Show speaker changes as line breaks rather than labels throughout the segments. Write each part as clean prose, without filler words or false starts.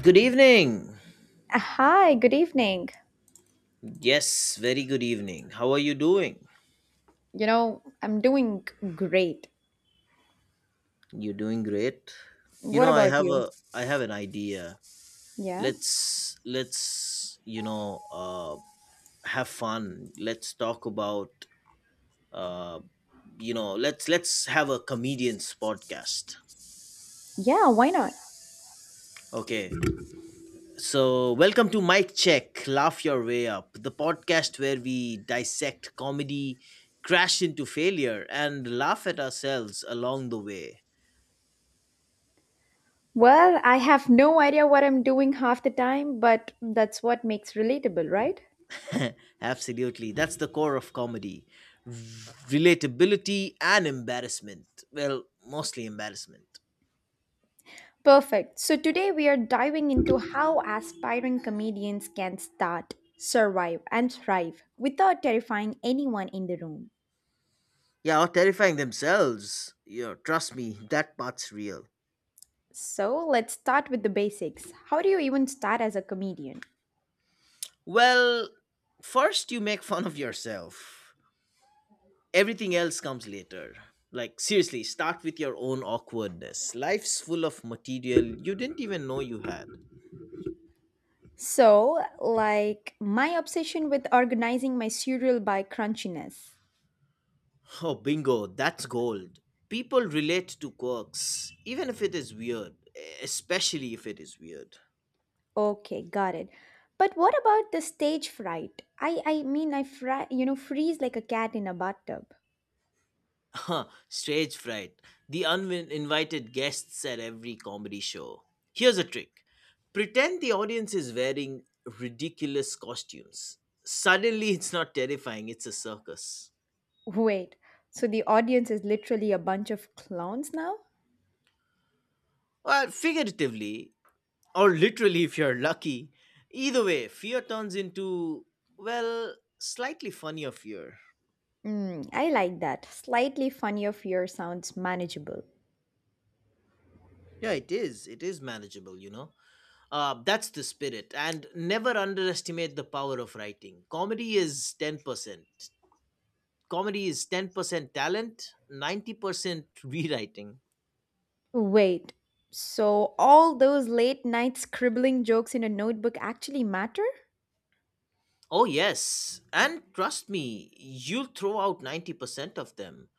Good evening.
Hi, good evening.
Yes, very good evening. How are you doing?
I'm doing great.
You're doing great.
What
I
about
have
you?
a I have an idea.
Yeah?
Let's have fun. Let's talk about uh let's have a comedian's podcast.
Yeah, why not?
Okay. So, welcome to Mic Check, Laugh Your Way Up, the podcast where we dissect comedy, crash into failure and laugh at ourselves along the way.
Well, I have no idea what I'm doing half the time, but that's what makes relatable, right?
Absolutely. That's the core of comedy, relatability and embarrassment. Well, mostly embarrassment.
Perfect. So today we are diving into how aspiring comedians can start, survive, and thrive without terrifying anyone in the room.
Yeah, or terrifying themselves. Yeah, trust me, that part's real.
So let's start with the basics. How do you even start as a comedian?
Well, first you make fun of yourself, everything else comes later. Like, seriously, start with your own awkwardness. Life's full of material you didn't even know you had.
So, like my obsession with organizing my cereal by crunchiness.
Oh, bingo, that's gold. People relate to quirks, even if it is weird, especially if it is weird.
Okay, got it. But what about the stage fright? I mean I fry, freeze like a cat in a bathtub.
Huh, stage fright, the uninvited guests at every comedy show. Here's a trick, pretend the audience is wearing ridiculous costumes. Suddenly, it's not terrifying, it's a circus.
Wait. So the audience is literally a bunch of clowns now?
Well, figuratively, or literally if you're lucky. Either way, fear turns into, well, slightly funnier fear.
I like that. Slightly funnier fear sounds manageable.
Yeah, it is. It is manageable. That's the spirit. And never underestimate the power of writing. Comedy is 10%. Comedy is 10% talent, 90% rewriting.
Wait. So all those late night scribbling jokes in a notebook actually matter?
Oh, yes. And trust me, you'll throw out 90% of them.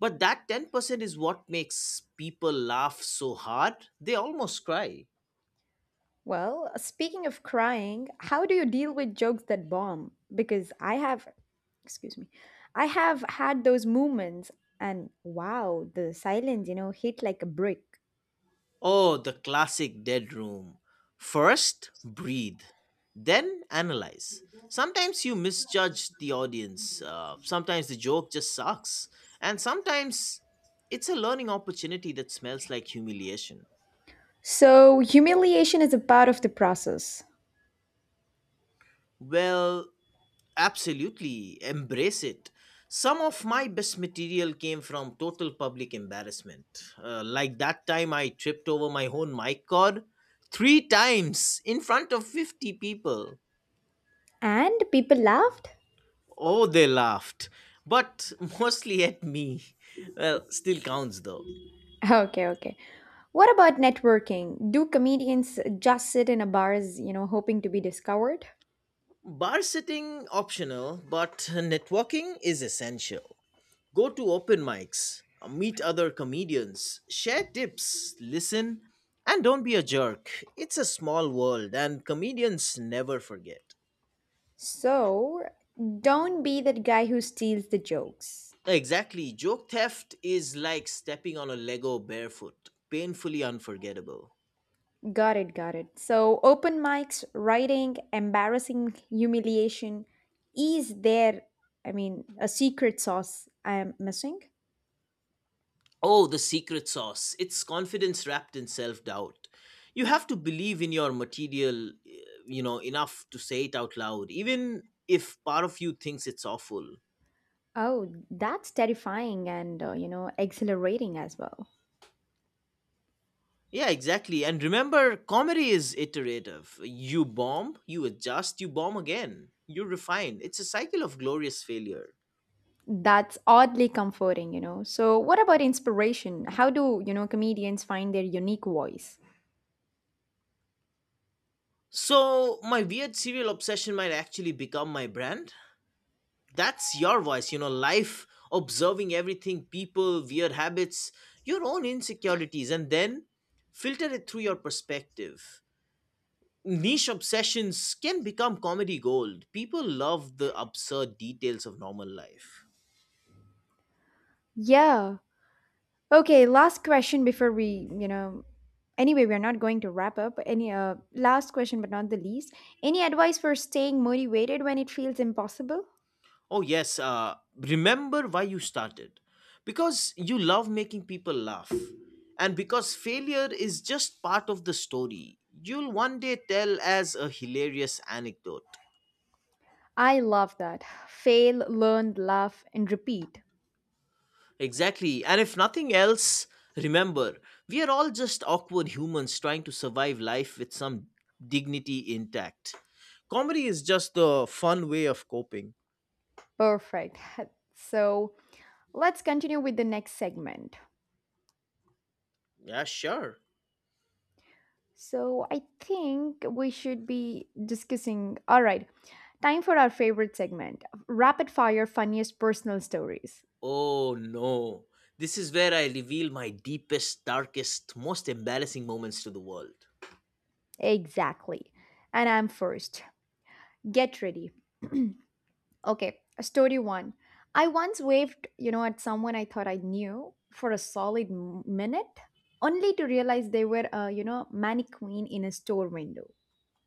But that 10% is what makes people laugh so hard, they almost cry.
Well, speaking of crying, how do you deal with jokes that bomb? Because excuse me, I have had those moments and wow, the silence hit like a brick.
Oh, the classic dead room. First, breathe, then analyze. Sometimes you misjudge the audience, sometimes the joke just sucks, and sometimes it's a learning opportunity that smells like humiliation.
So, humiliation is a part of the process.
Well, absolutely, embrace it. Some of my best material came from total public embarrassment. Like that time I tripped over my own mic cord three times in front of 50 people.
And people laughed?
Oh, they laughed, but mostly at me. Well, still counts though.
Okay, okay. What about networking? Do comedians just sit in a bars hoping to be discovered?
Bar sitting optional, but networking is essential. Go to open mics, meet other comedians, share tips, listen, and don't be a jerk. It's a small world and comedians never forget.
So, don't be that guy who steals the jokes.
Exactly, joke theft is like stepping on a Lego barefoot, painfully unforgettable.
Got it, got it. So open mics, writing, embarrassing humiliation. Is there, I mean, a secret sauce I am missing?
Oh, the secret sauce. It's confidence wrapped in self doubt. You have to believe in your material, enough to say it out loud, even if part of you thinks it's awful.
Oh, that's terrifying and exhilarating as well.
Yeah, exactly. And remember, comedy is iterative. You bomb, you adjust, you bomb again. You refine. It's a cycle of glorious failure.
That's oddly comforting. So, what about inspiration? How do comedians find their unique voice?
So, my weird serial obsession might actually become my brand? That's your voice, life, observing everything, people, weird habits, your own insecurities, and then filter it through your perspective. Niche obsessions can become comedy gold. People love the absurd details of normal life.
Yeah, okay, last question before anyway, we're not going to wrap up. Any last question, but not the least. Any advice for staying motivated when it feels impossible?
Oh yes, remember why you started, because you love making people laugh, and because failure is just part of the story you'll one day tell as a hilarious anecdote.
I love that. Fail, learn, laugh, and repeat.
Exactly. And if nothing else, remember, we are all just awkward humans trying to survive life with some dignity intact. Comedy is just the fun way of coping.
Perfect. So let's continue with the next segment.
Yeah, sure.
So I think we should be discussing. All right, time for our favorite segment rapid fire funniest personal stories.
Oh no. This is where I reveal my deepest, darkest, most embarrassing moments to the world.
Exactly. And I'm first. Get ready. Okay, story one. I once waved at someone I thought I knew for a solid minute, only to realize they were mannequin in a store window.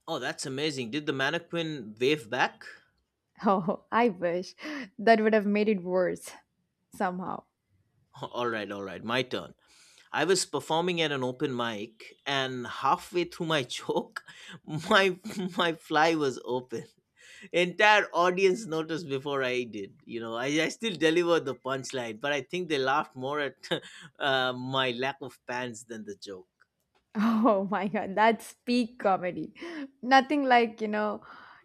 Oh, that's amazing. Did the mannequin wave back?
Oh, I wish that would have made it worse somehow.
Alright, alright, my turn. I was performing at an open mic, and halfway through my joke, my my fly was open. Entire audience noticed before I did. I still delivered the punchline, but I think they laughed more at my lack of pants than the joke.
Oh my god, that's peak comedy. Nothing like,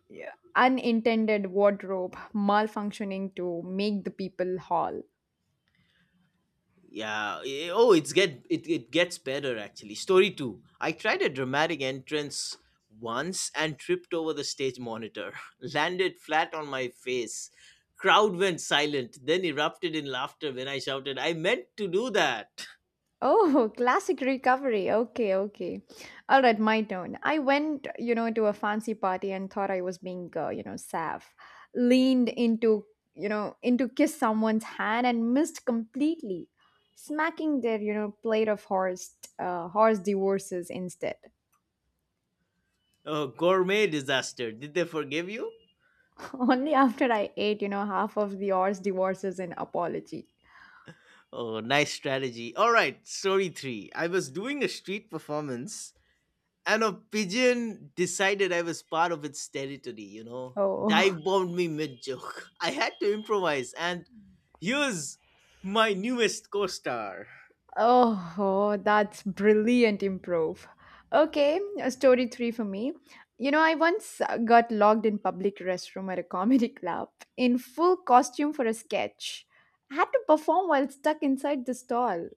yeah, unintended wardrobe malfunctioning to make the people haul.
Yeah. Oh, it gets better actually. Story two. I tried a dramatic entrance once and tripped over the stage monitor, landed flat on my face. Crowd went silent, then erupted in laughter when I shouted, "I meant to do that!"
Oh, classic recovery. Okay, okay. All right, my turn. I went to a fancy party and thought I was being sav. Leaned into kiss someone's hand and missed completely, smacking their plate of horse divorces instead.
Oh, gourmet disaster. Did they forgive you?
Only after I ate half of the horse divorces in apology.
Oh, nice strategy. All right, story three. I was doing a street performance and a pigeon decided I was part of its territory.
Oh.
Dive bombed me mid joke. I had to improvise, and here's my newest co star.
Oh, oh, that's brilliant improve. Okay, a story three for me. I once got locked in public restroom at a comedy club in full costume for a sketch. I had to perform while stuck inside the stall.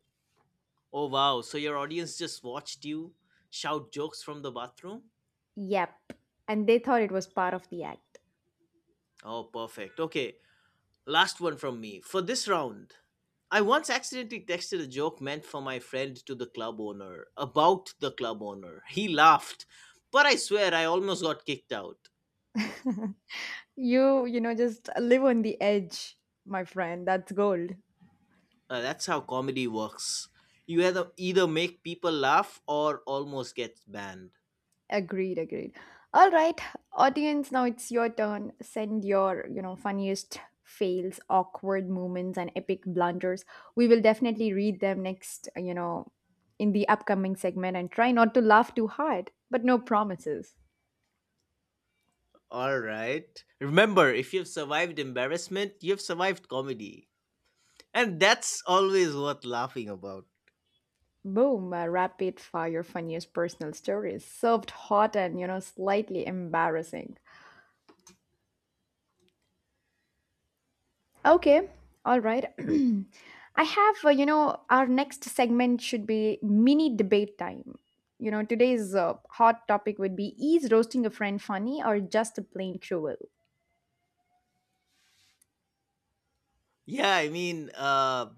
Oh, wow. So your audience just watched you shout jokes from the bathroom?
Yep. And they thought it was part of the act.
Oh, perfect. Okay, last one from me. For this round, I once accidentally texted a joke meant for my friend to the club owner about the club owner. He laughed, but I swear I almost got kicked out.
You just live on the edge, my friend. That's gold.
That's how comedy works. You either make people laugh or almost get banned.
Agreed, agreed. All right, audience, now it's your turn. Send your funniest fails, awkward moments, and epic blunders. We will definitely read them next in the upcoming segment and try not to laugh too hard, but no promises.
All right. Remember, if you've survived embarrassment, you've survived comedy. And that's always worth laughing about.
Boom, rapid fire funniest personal stories, served hot and slightly embarrassing. Okay, all right. I have, you know, Our next segment should be mini debate time. Today's hot topic would be is roasting a friend funny or just plain cruel?
Yeah, I mean,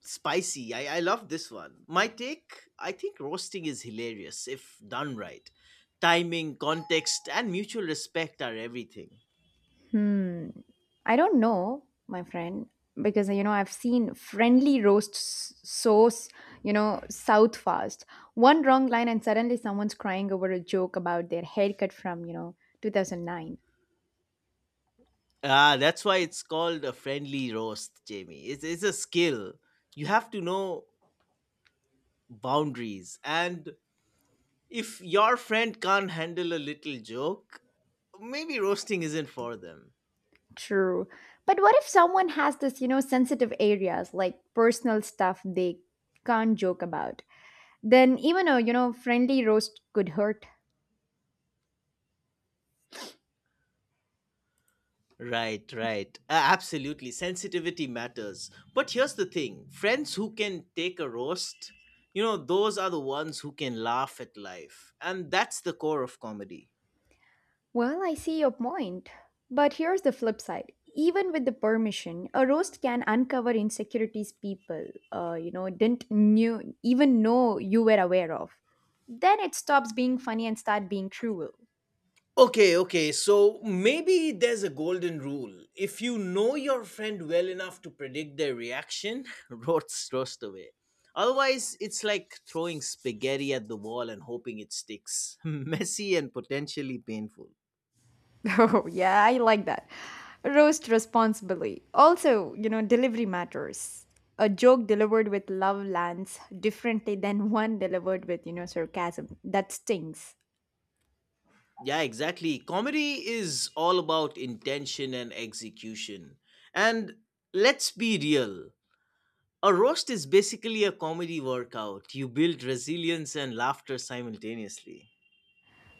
spicy. I love this one. My take, I think roasting is hilarious if done right. Timing, context, and mutual respect are everything.
Hmm, I don't know, my friend, because I've seen friendly roasts so, south fast. One wrong line and suddenly someone's crying over a joke about their haircut from, you know, 2009.
Ah, that's why it's called a friendly roast, Jamie. It's a skill. You have to know boundaries. And if your friend can't handle a little joke, maybe roasting isn't for them.
True. But what if someone has this sensitive areas like personal stuff they can't joke about? Then even a friendly roast could hurt.
Right. Absolutely. Sensitivity matters. But here's the thing, friends who can take a roast, those are the ones who can laugh at life. And that's the core of comedy.
Well, I see your point. But here's the flip side. Even with the permission, a roast can uncover insecurities people didn't knew even know you were aware of. Then it stops being funny and start being cruel.
Okay, okay. So maybe there's a golden rule. If you know your friend well enough to predict their reaction, roast away. Otherwise, it's like throwing spaghetti at the wall and hoping it sticks. Messy and potentially painful.
Oh, yeah, I like that. Roast responsibly. Also, delivery matters. A joke delivered with love lands differently than one delivered with sarcasm. That stings.
Yeah, exactly. Comedy is all about intention and execution. And let's be real. A roast is basically a comedy workout. You build resilience and laughter simultaneously.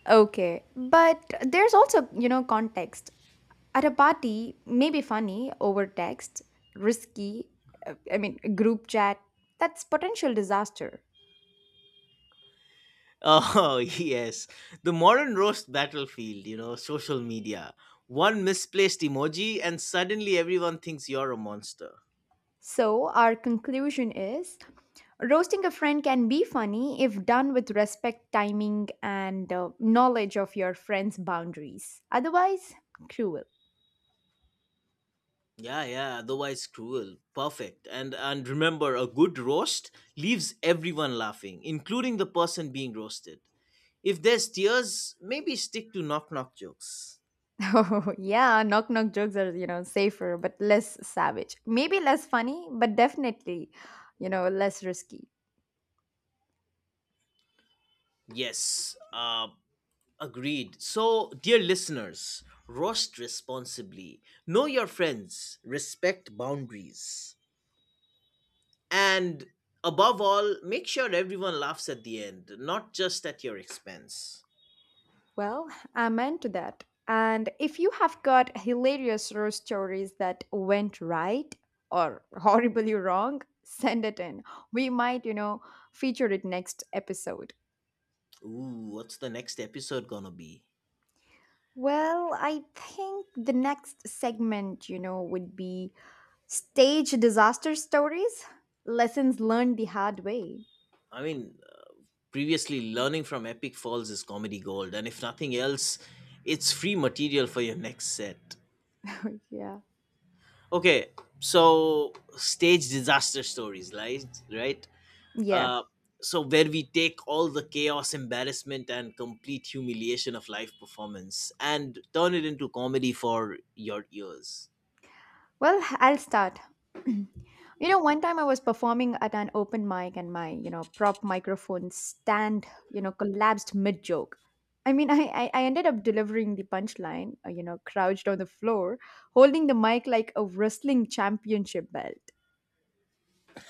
Okay, but there's also context. At a party, maybe funny over text, risky, I mean, group chat, that's potential disaster.
Oh, yes. The modern roast battlefield, social media. One misplaced emoji, and suddenly everyone thinks you're a monster.
So, our conclusion is roasting a friend can be funny if done with respect, timing, and knowledge of your friend's boundaries. Otherwise, cruel.
Yeah, yeah, otherwise cruel. Perfect. And remember, a good roast leaves everyone laughing, including the person being roasted. If there's tears, maybe stick to knock knock jokes.
Oh, yeah, knock knock jokes are safer but less savage. Maybe less funny, but definitely less risky.
Yes, agreed. So, dear listeners, roast responsibly. Know your friends, respect boundaries. And above all, make sure everyone laughs at the end, not just at your expense.
Well, amen to that. And if you have got hilarious horror stories that went right or horribly wrong, send it in. We might feature it next episode.
Ooh, what's the next episode gonna be?
Well, I think the next segment would be stage disaster stories, lessons learned the hard way.
I mean, previously, learning from Epic Falls is comedy gold, and if nothing else, it's free material for your next set.
Yeah.
Okay, so stage disaster stories, right? Right?
Yeah.
Uh, so where we take all the chaos, embarrassment, and complete humiliation of live performance and turn it into comedy for your ears.
Well, I'll start. One time I was performing at an open mic and my prop microphone stand collapsed mid joke. I mean, I ended up delivering the punchline, crouched on the floor, holding the mic like a wrestling championship belt.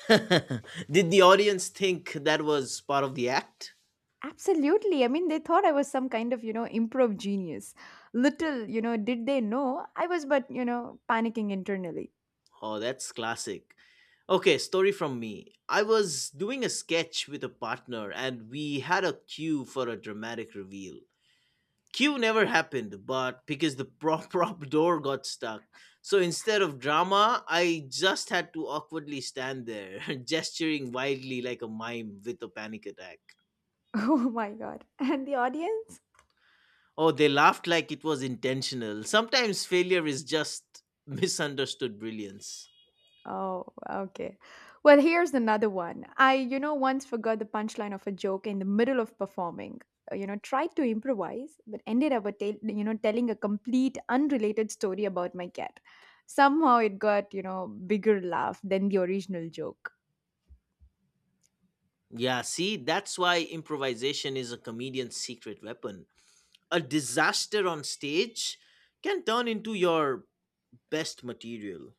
Did the audience think that was part of the act?
Absolutely. I mean, they thought I was some kind of improv genius. Little, did they know I was but panicking internally.
Oh, that's classic. Okay, story from me. I was doing a sketch with a partner and we had a cue for a dramatic reveal. Cue never happened, but because the prop prop door got stuck. So instead of drama, I just had to awkwardly stand there, gesturing wildly like a mime with a panic attack.
Oh my God. And the audience?
Oh, they laughed like it was intentional. Sometimes failure is just misunderstood brilliance.
Oh, okay. Well, here's another one. I once forgot the punchline of a joke in the middle of performing. Tried to improvise, but ended up, a tell you know, telling a complete unrelated story about my cat. Somehow it got bigger laugh than the original joke.
Yeah, see, that's why improvisation is a comedian's secret weapon. A disaster on stage can turn into your best material.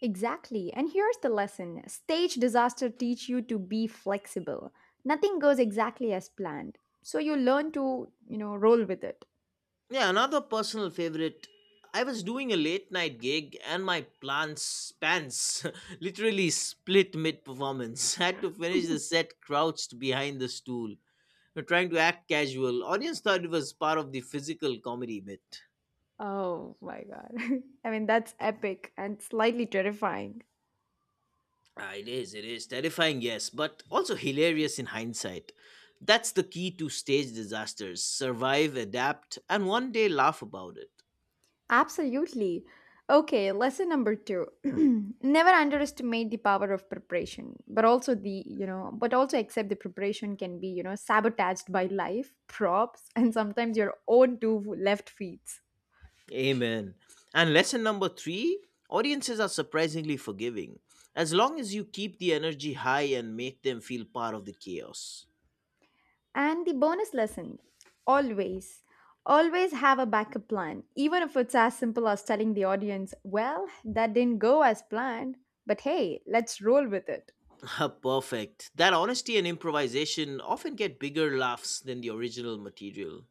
Exactly. And here's the lesson stage disaster teach you to be flexible. Nothing goes exactly as planned. So you learn to roll with it.
Yeah, another personal favorite. I was doing a late night gig and my plans pants literally split mid performance. Had to finish the set crouched behind the stool, trying to act casual. Audience thought it was part of the physical comedy bit.
Oh my God. I mean, that's epic and slightly terrifying.
Ah, it is terrifying, yes, but also hilarious in hindsight. That's the key to stage disasters, survive, adapt, and one day laugh about it.
Absolutely. Okay, lesson number two. Never underestimate the power of preparation, but also but also accept the preparation can be sabotaged by life, props, and sometimes your own two left feet.
Amen. And lesson number three, audiences are surprisingly forgiving, as long as you keep the energy high and make them feel part of the chaos.
And the bonus lesson always, always have a backup plan, even if it's as simple as telling the audience, well, that didn't go as planned, but hey, let's roll with it.
Ah, perfect. That honesty and improvisation often get bigger laughs than the original material.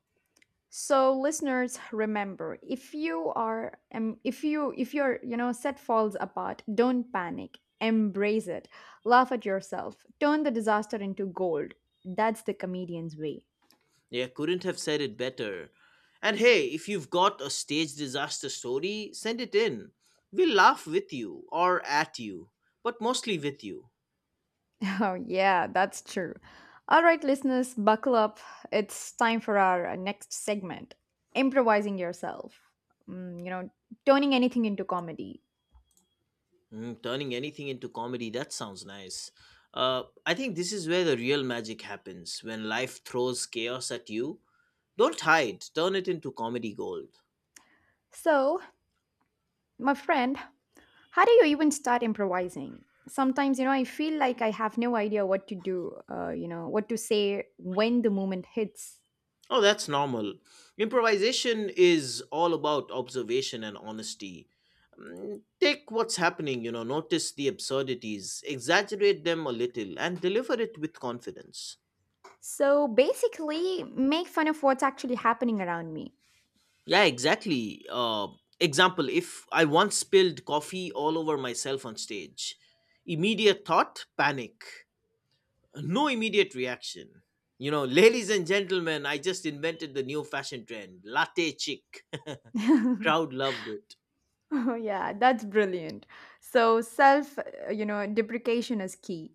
So listeners, remember if you are if your set falls apart, don't panic. Embrace it. Laugh at yourself. Turn the disaster into gold. That's the comedian's way.
Yeah, couldn't have said it better. And hey, if you've got a stage disaster story, send it in. We'll laugh with you or at you, but mostly with you.
Oh yeah, that's true. All right, listeners, buckle up. It's time for our next segment. Improvising yourself. Mm, you know, turning anything into comedy.
Mm, turning anything into comedy, that sounds nice. I think this is where the real magic happens when life throws chaos at you. Don't hide, turn it into comedy gold.
So, my friend, how do you even start improvising? Sometimes, I feel like I have no idea what to do, what to say when the moment hits.
Oh, that's normal. Improvisation is all about observation and honesty. Mm, take what's happening, notice the absurdities, exaggerate them a little, and deliver it with confidence.
So basically, make fun of what's actually happening around me.
Yeah, exactly. Example, if I once spilled coffee all over myself on stage, immediate thought, panic. No, immediate reaction. Ladies and gentlemen, I just invented the new fashion trend, latte chick.
Oh,
Crowd loved it.
yeah, that's brilliant. So self, deprecation is key.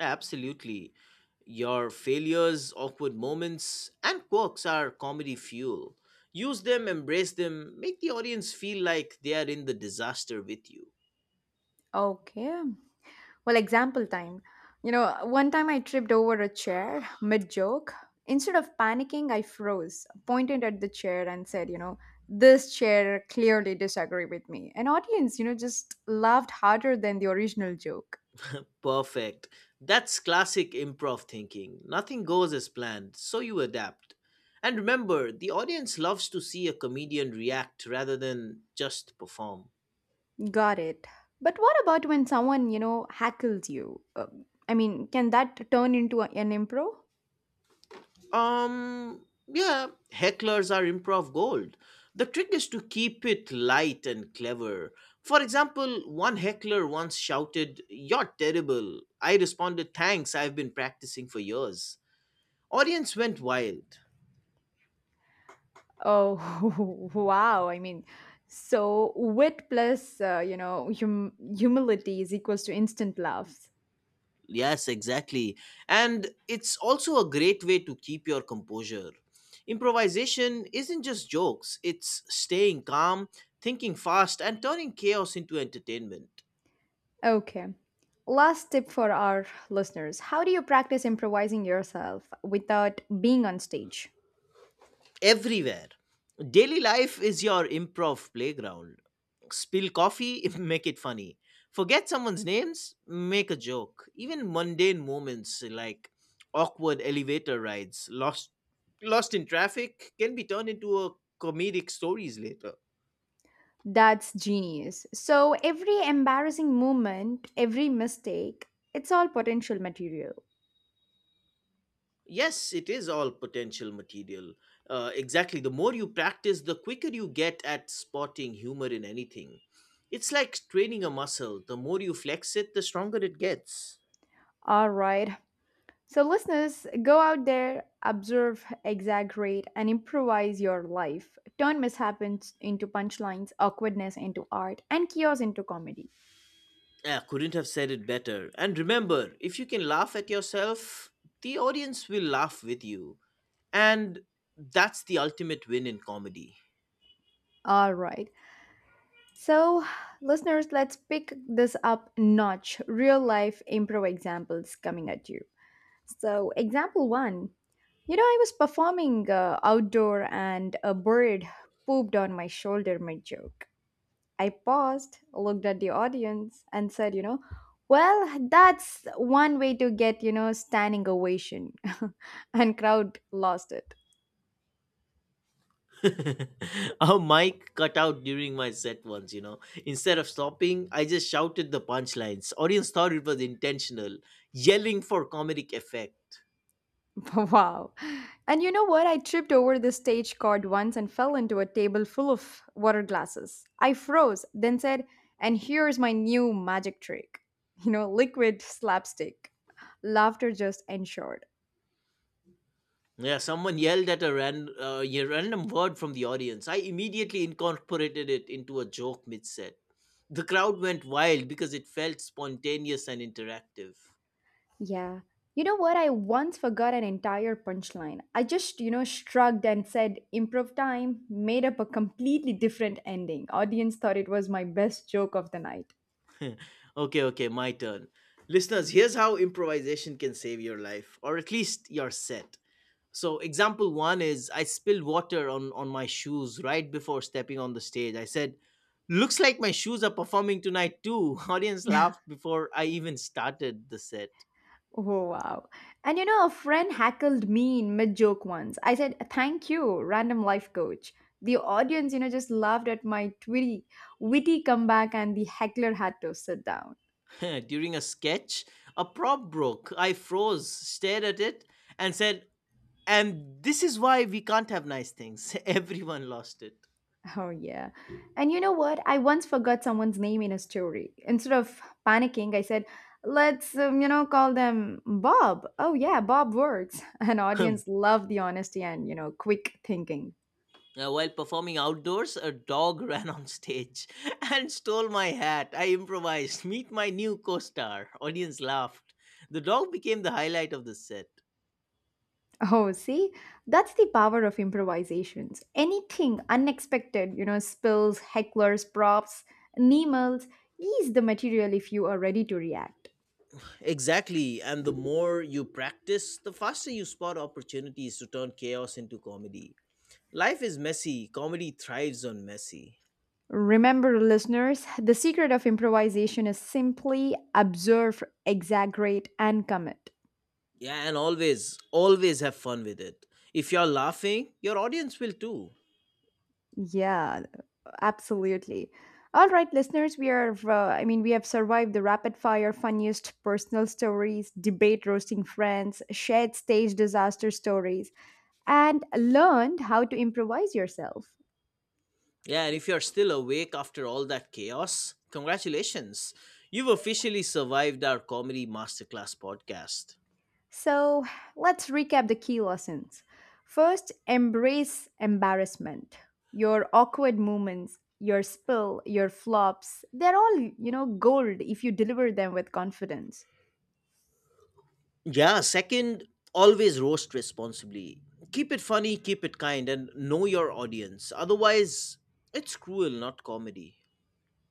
Absolutely. Your failures, awkward moments, and quirks are comedy fuel. Use them, embrace them, make the audience feel like they are in the disaster with you.
Okay, well, example time. One time I tripped over a chair mid joke. Instead of panicking, I froze, pointed at the chair, and said, this chair clearly disagree with me. An audience just laughed harder than the original joke.
Perfect. That's classic improv thinking. Nothing goes as planned, so you adapt. And remember, the audience loves to see a comedian react rather than just perform.
Got it. But what about when someone hackles you? I mean, can that turn into an improv?
Um, yeah, hecklers are improv gold. The trick is to keep it light and clever. For example, one heckler once shouted, "You're terrible." I responded, "Thanks, I've been practicing for years." Audience went wild.
Oh, wow. I mean, so wit plus, humility is equals to instant laughs.
Yes, exactly. And it's also a great way to keep your composure. Improvisation isn't just jokes, it's staying calm, thinking fast, and turning chaos into entertainment.
Okay. Last tip for our listeners. How do you practice improvising yourself without being on stage?
Everywhere. Daily life is your improv playground. Spill coffee, make it funny. Forget someone's names, make a joke. Even mundane moments like awkward elevator rides, lost in traffic can be turned into a comedic stories later.
That's genius. So, every embarrassing moment, every mistake, it's all potential material.
Yes, it is all potential material. Exactly. The more you practice, the quicker you get at spotting humor in anything. It's like training a muscle. The more you flex it, the stronger it gets.
All right. So, listeners, go out there, observe, exaggerate, and improvise your life. Turn mishaps into punchlines, awkwardness into art, and chaos into comedy.
I couldn't have said it better. And remember, if you can laugh at yourself, the audience will laugh with you. And that's the ultimate win in comedy.
All right. So, listeners, let's pick this up a notch real life improv examples coming at you. So, example one, I was performing outdoor and a bird pooped on my shoulder mid joke. I paused, looked at the audience, and said, well, that's one way to get standing ovation. And crowd lost it.
Our mic cut out during my set once. Instead of stopping, I just shouted the punchlines. Audience thought it was intentional, yelling for comedic effect.
Wow. And you know what? I tripped over the stage card once and fell into a table full of water glasses. I froze, then said, and here's my new magic trick. Liquid slapstick. Laughter just ensured.
Yeah, someone yelled at a random word from the audience. I immediately incorporated it into a joke mid set. The crowd went wild because it felt spontaneous and interactive.
Yeah. You know what? I once forgot an entire punchline. I just shrugged and said, improv time, made up a completely different ending. Audience thought it was my best joke of the night.
Okay, okay, my turn. Listeners, here's how improvisation can save your life, or at least your set. So, example one is I spilled water on my shoes right before stepping on the stage. I said, "Looks like my shoes are performing tonight too." Audience laughed before I even started the set.
Oh, wow. And a friend hackled me in mid joke once. I said, thank you, random life coach. The audience, just laughed at my twitty, witty comeback, and the heckler had to sit down.
During a sketch, a prop broke. I froze, stared at it, and said, "And this is why we can't have nice things." Everyone lost it.
Oh, yeah. And you know what? I once forgot someone's name in a story. Instead of panicking, I said, let's call them Bob. Oh, yeah, Bob works. An
Ahem.
audience loved the honesty and quick thinking.
While performing outdoors, a dog ran on stage and stole my hat. I improvised, "Meet my new co star." Audience laughed. The dog became the highlight of the set.
Oh, see, that's the power of improvisations. Anything unexpected, spills, hecklers, props, nemals, ease the material if you are ready to react.
Exactly. And the more you practice, the faster you spot opportunities to turn chaos into comedy. Life is messy. Comedy thrives on messy.
Remember, listeners, the secret of improvisation is simply observe, exaggerate, and commit.
Yeah, and always, always have fun with it. If you're laughing, your audience will too.
Yeah, absolutely. All right, listeners, we are, I mean, we have survived the rapid fire, funniest personal stories, debate roasting friends, shared stage disaster stories and learned how to improvise yourself.
Yeah, and if you're still awake after all that chaos, congratulations. You've officially survived our comedy masterclass podcast.
So let's recap the key lessons. First, embrace embarrassment. Your awkward moments, your spill, your flops, they're all, gold if you deliver them with confidence.
Yeah, second, always roast responsibly. Keep it funny, keep it kind, and know your audience. Otherwise, it's cruel, not comedy.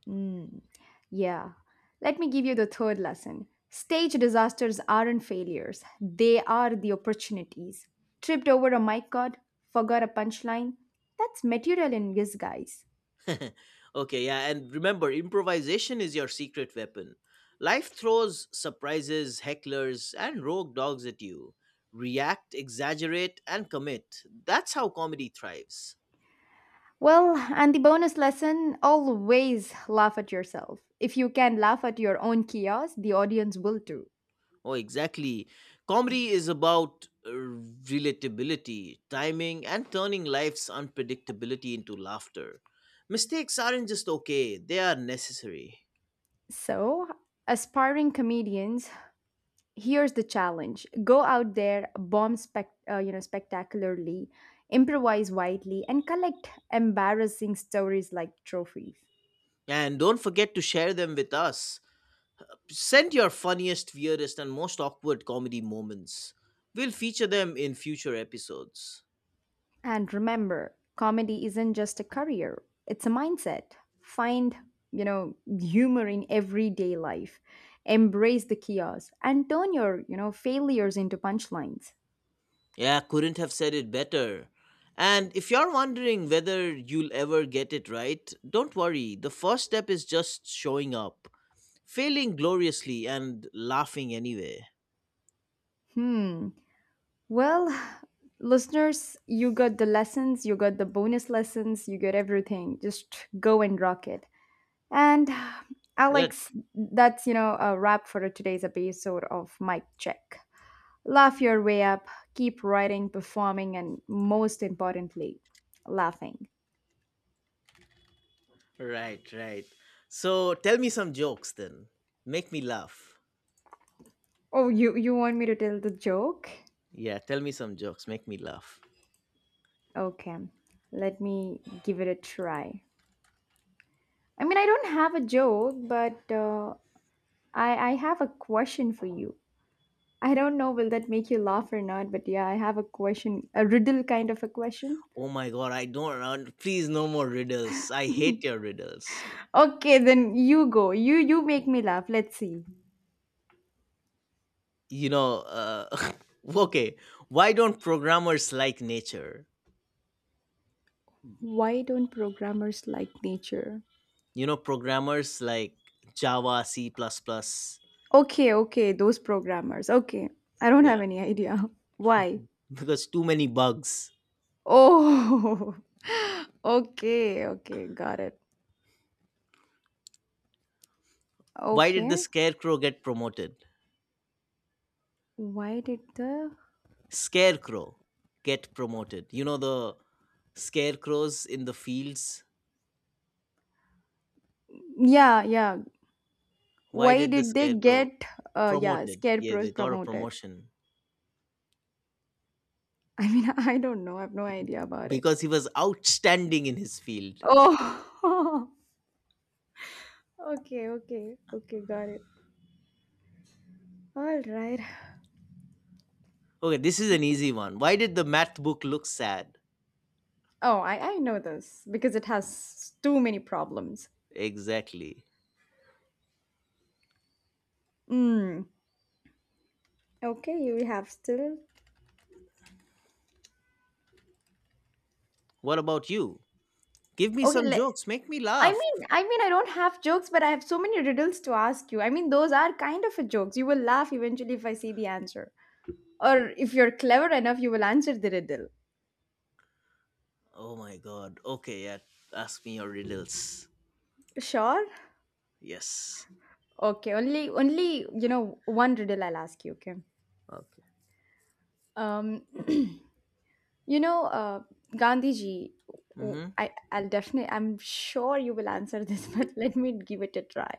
Mm, yeah. Let me give you the third lesson. Stage disasters aren't failures, they are the opportunities. Tripped over a mic cord, forgot a punchline, that's material in disguise.
Okay, yeah, and remember, improvisation is your secret weapon. Life throws surprises, hecklers, and rogue dogs at you. React, exaggerate, and commit. That's how comedy thrives.
Well, and the bonus lesson, always laugh at yourself. If you can laugh at your own chaos, the audience will too.
Oh, exactly. Comedy is about relatability, timing, and turning life's unpredictability into laughter. Mistakes aren't just okay, they are necessary.
So, aspiring comedians, here's the challenge. Go out there, bomb spectacularly, improvise widely, and collect embarrassing stories like trophies.
And don't forget to share them with us. Send your funniest, weirdest, and most awkward comedy moments. We'll feature them in future episodes.
And remember, comedy isn't just a career, it's a mindset. Find, humor in everyday life. Embrace the chaos and turn your, failures into punchlines.
Yeah, couldn't have said it better. And if you're wondering whether you'll ever get it right, don't worry. The first step is just showing up, failing gloriously, and laughing anyway.
Hmm. Well, listeners, you got the lessons, you got the bonus lessons, you got everything. Just go and rock it. And
Right,
Alex, that's, a wrap for today's episode of Mic Check. Laugh your way up, keep writing, performing, and most importantly, laughing.
right. So tell me some jokes then. Make me laugh.
Oh, you want me to tell the joke?
Yeah, tell me some jokes. Make me laugh.
Okay, let me give it a try. I mean, I don't have a joke, but I have a question for you. I don't know will that make you laugh or not, but yeah, I have a question, a riddle kind of a question.
Oh my god, I don't. Please, no more riddles. I hate your riddles.
Okay, then you go. You make me laugh. Let's see.
You know, uh, okay, why don't programmers like nature?
Why don't programmers like nature?
You know, programmers like Java, C. plus. Plus.
Okay, okay, those programmers. Okay. I don't
Yeah,
have any idea. Why?
because too many bugs.
Oh, okay, okay, got it.
Why did the
Okay.
scarecrow get promoted?
Why did the...
Scarecrow get promoted. You know, the scarecrows in the fields.
Yeah, yeah.
Why
Why
did the
did they
scarecrow
get, uh, yeah,
promoted? Yeah,
scarecrows
they got a
promoted?
promotion
I mean, I don't know. I have no idea about it.
because he was outstanding in his field.
Oh. Okay, okay. Okay, got it. All right.
Okay, this is
So...
an easy one. Why did the math book look sad?
Oh, I know this because it has too many problems.
Exactly.
Mm. Okay, you have still...
What about you? Give me
Okay,
some
le-
jokes. Make me laugh.
I don't have jokes, but I have so many riddles to ask you. I mean, those are kind of a jokes. You will laugh eventually if I say the answer, or if you're clever enough, you will answer the riddle.
Oh my god. Okay, yeah. Ask me your riddles.
Sure.
Yes.
Okay. Only you know one riddle I'll ask you. Okay.
Okay.
Um, you know, uh, Gandhiji. w-
Mm-hmm.
I, I'll definitely. I'm sure you will answer this, but let me give it a try.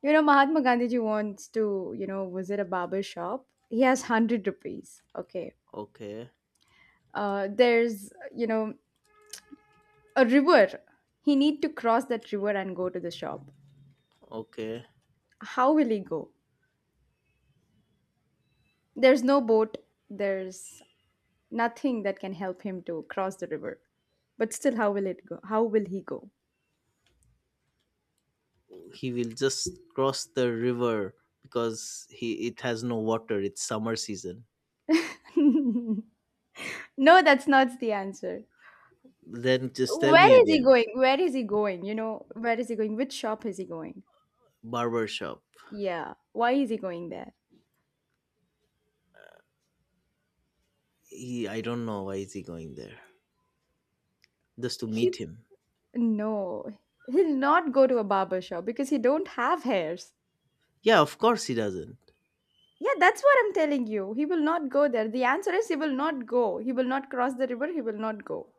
You know, Mahatma Gandhiji wants to, visit a barber shop. He has 100 rupees. Okay.
Okay.
There's, a river. He need to cross that river and go to the shop.
Okay.
How will he go? There's no boat. There's nothing that can help him to cross the river, but still how will it go, how will he go?
He will just cross the river because he it has no water. It's summer season.
No, that's not the answer.
Then just tell
Where
me
is he
again.
going, where is he going, where is he going, which shop is he going?
Barber shop.
Yeah, why is he going there?
He I don't know why is he going there. Just to
He,
meet him.
no, he'll not go to a barber shop because he don't have hairs.
Yeah, of course he doesn't.
Yeah, that's what I'm telling you. He will not go there. The answer is he will not go. He will not cross the river. He will not go.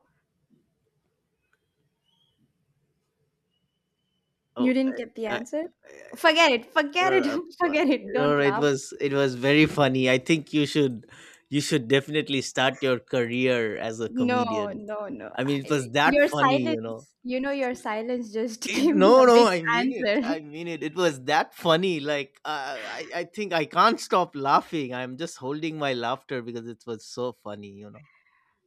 You
Oh,
didn't get the
I, I,
answer?
I, uh,
Forget it. Forget it. Forget it.
no,
Don't
it
laugh.
was very funny. I think you should definitely start your career as a
No,
comedian.
no, no.
I mean, it was
I-
that
Your
funny, you know.
silence, your silence just
It,
gave me
no,
a
no,
big
I mean it.
answer.
I mean it. It was that funny. Like I think I can't stop laughing. I'm just holding my laughter because it was so funny.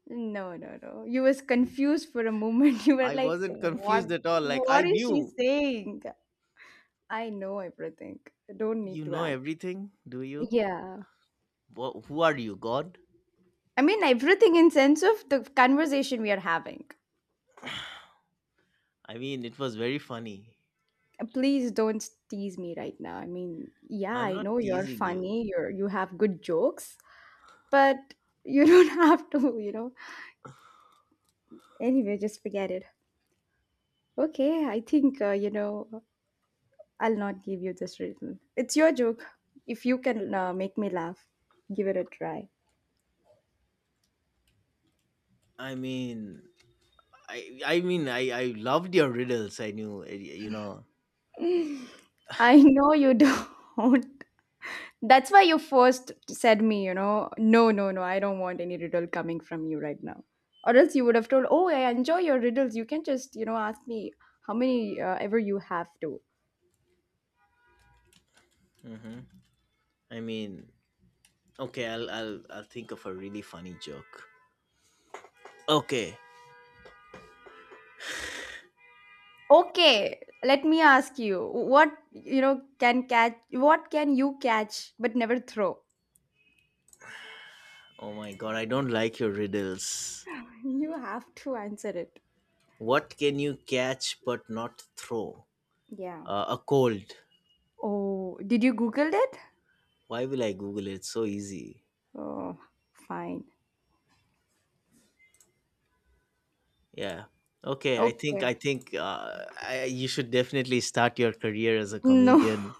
No, no, no. You was confused for a moment. You were
I
like,
wasn't
what?
confused at all. Like
What
I
is she
knew,
saying? I know everything. I don't need
you
to
know
act.
everything, do you?
Yeah.
Wha who are you, God?
I mean, everything in sense of the conversation we are having.
I mean, it was very funny.
Please don't tease me right now. I mean, yeah,
I'm
I
not
know you're
teasing you.
funny, you have good jokes, but you don't have to, you know. Anyway, just forget it. Okay, I think, I'll not give you this riddle. It's your joke. If you can, make me laugh, give it a try.
I mean, I loved your riddles. I knew, eh.
I know you don't. That's why you first said me, you know, no, no, no, I don't want any riddle coming from you right now. Or else you would have told, oh, I enjoy your riddles. You can just, you know, ask me how many, ever you have to.
Hmm. I mean, okay, I'll think of a really funny joke. Okay.
Okay, let me ask you, what, what can you catch but never throw?
Oh my god, I don't like your riddles.
You have to answer it.
What can you catch but not throw?
Yeah.
A cold.
Oh, did you Googled it?
Why will I Google it? It's so easy.
Oh, fine.
Yeah. Okay.
Okay.
You should definitely start your career as a
No.
comedian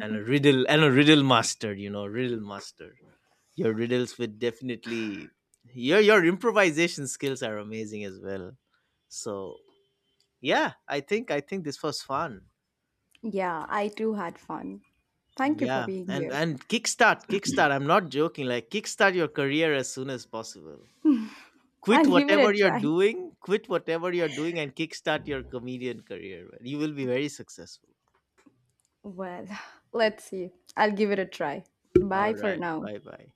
and a riddle master. You know, riddle master. Your riddles would definitely your improvisation skills are amazing as well. So yeah, I think this was fun.
Yeah, I too had fun. Thank you for
Yeah,
being
and
here.
and kickstart. I'm not joking. Like kickstart your career as soon as possible. Quit
I'll give it a
whatever you're
try.
doing, quit whatever you're doing, and kickstart your comedian career. Man. You will be very successful.
Well, let's see. I'll give it a try. Bye
All
for
right.
now.
Bye bye.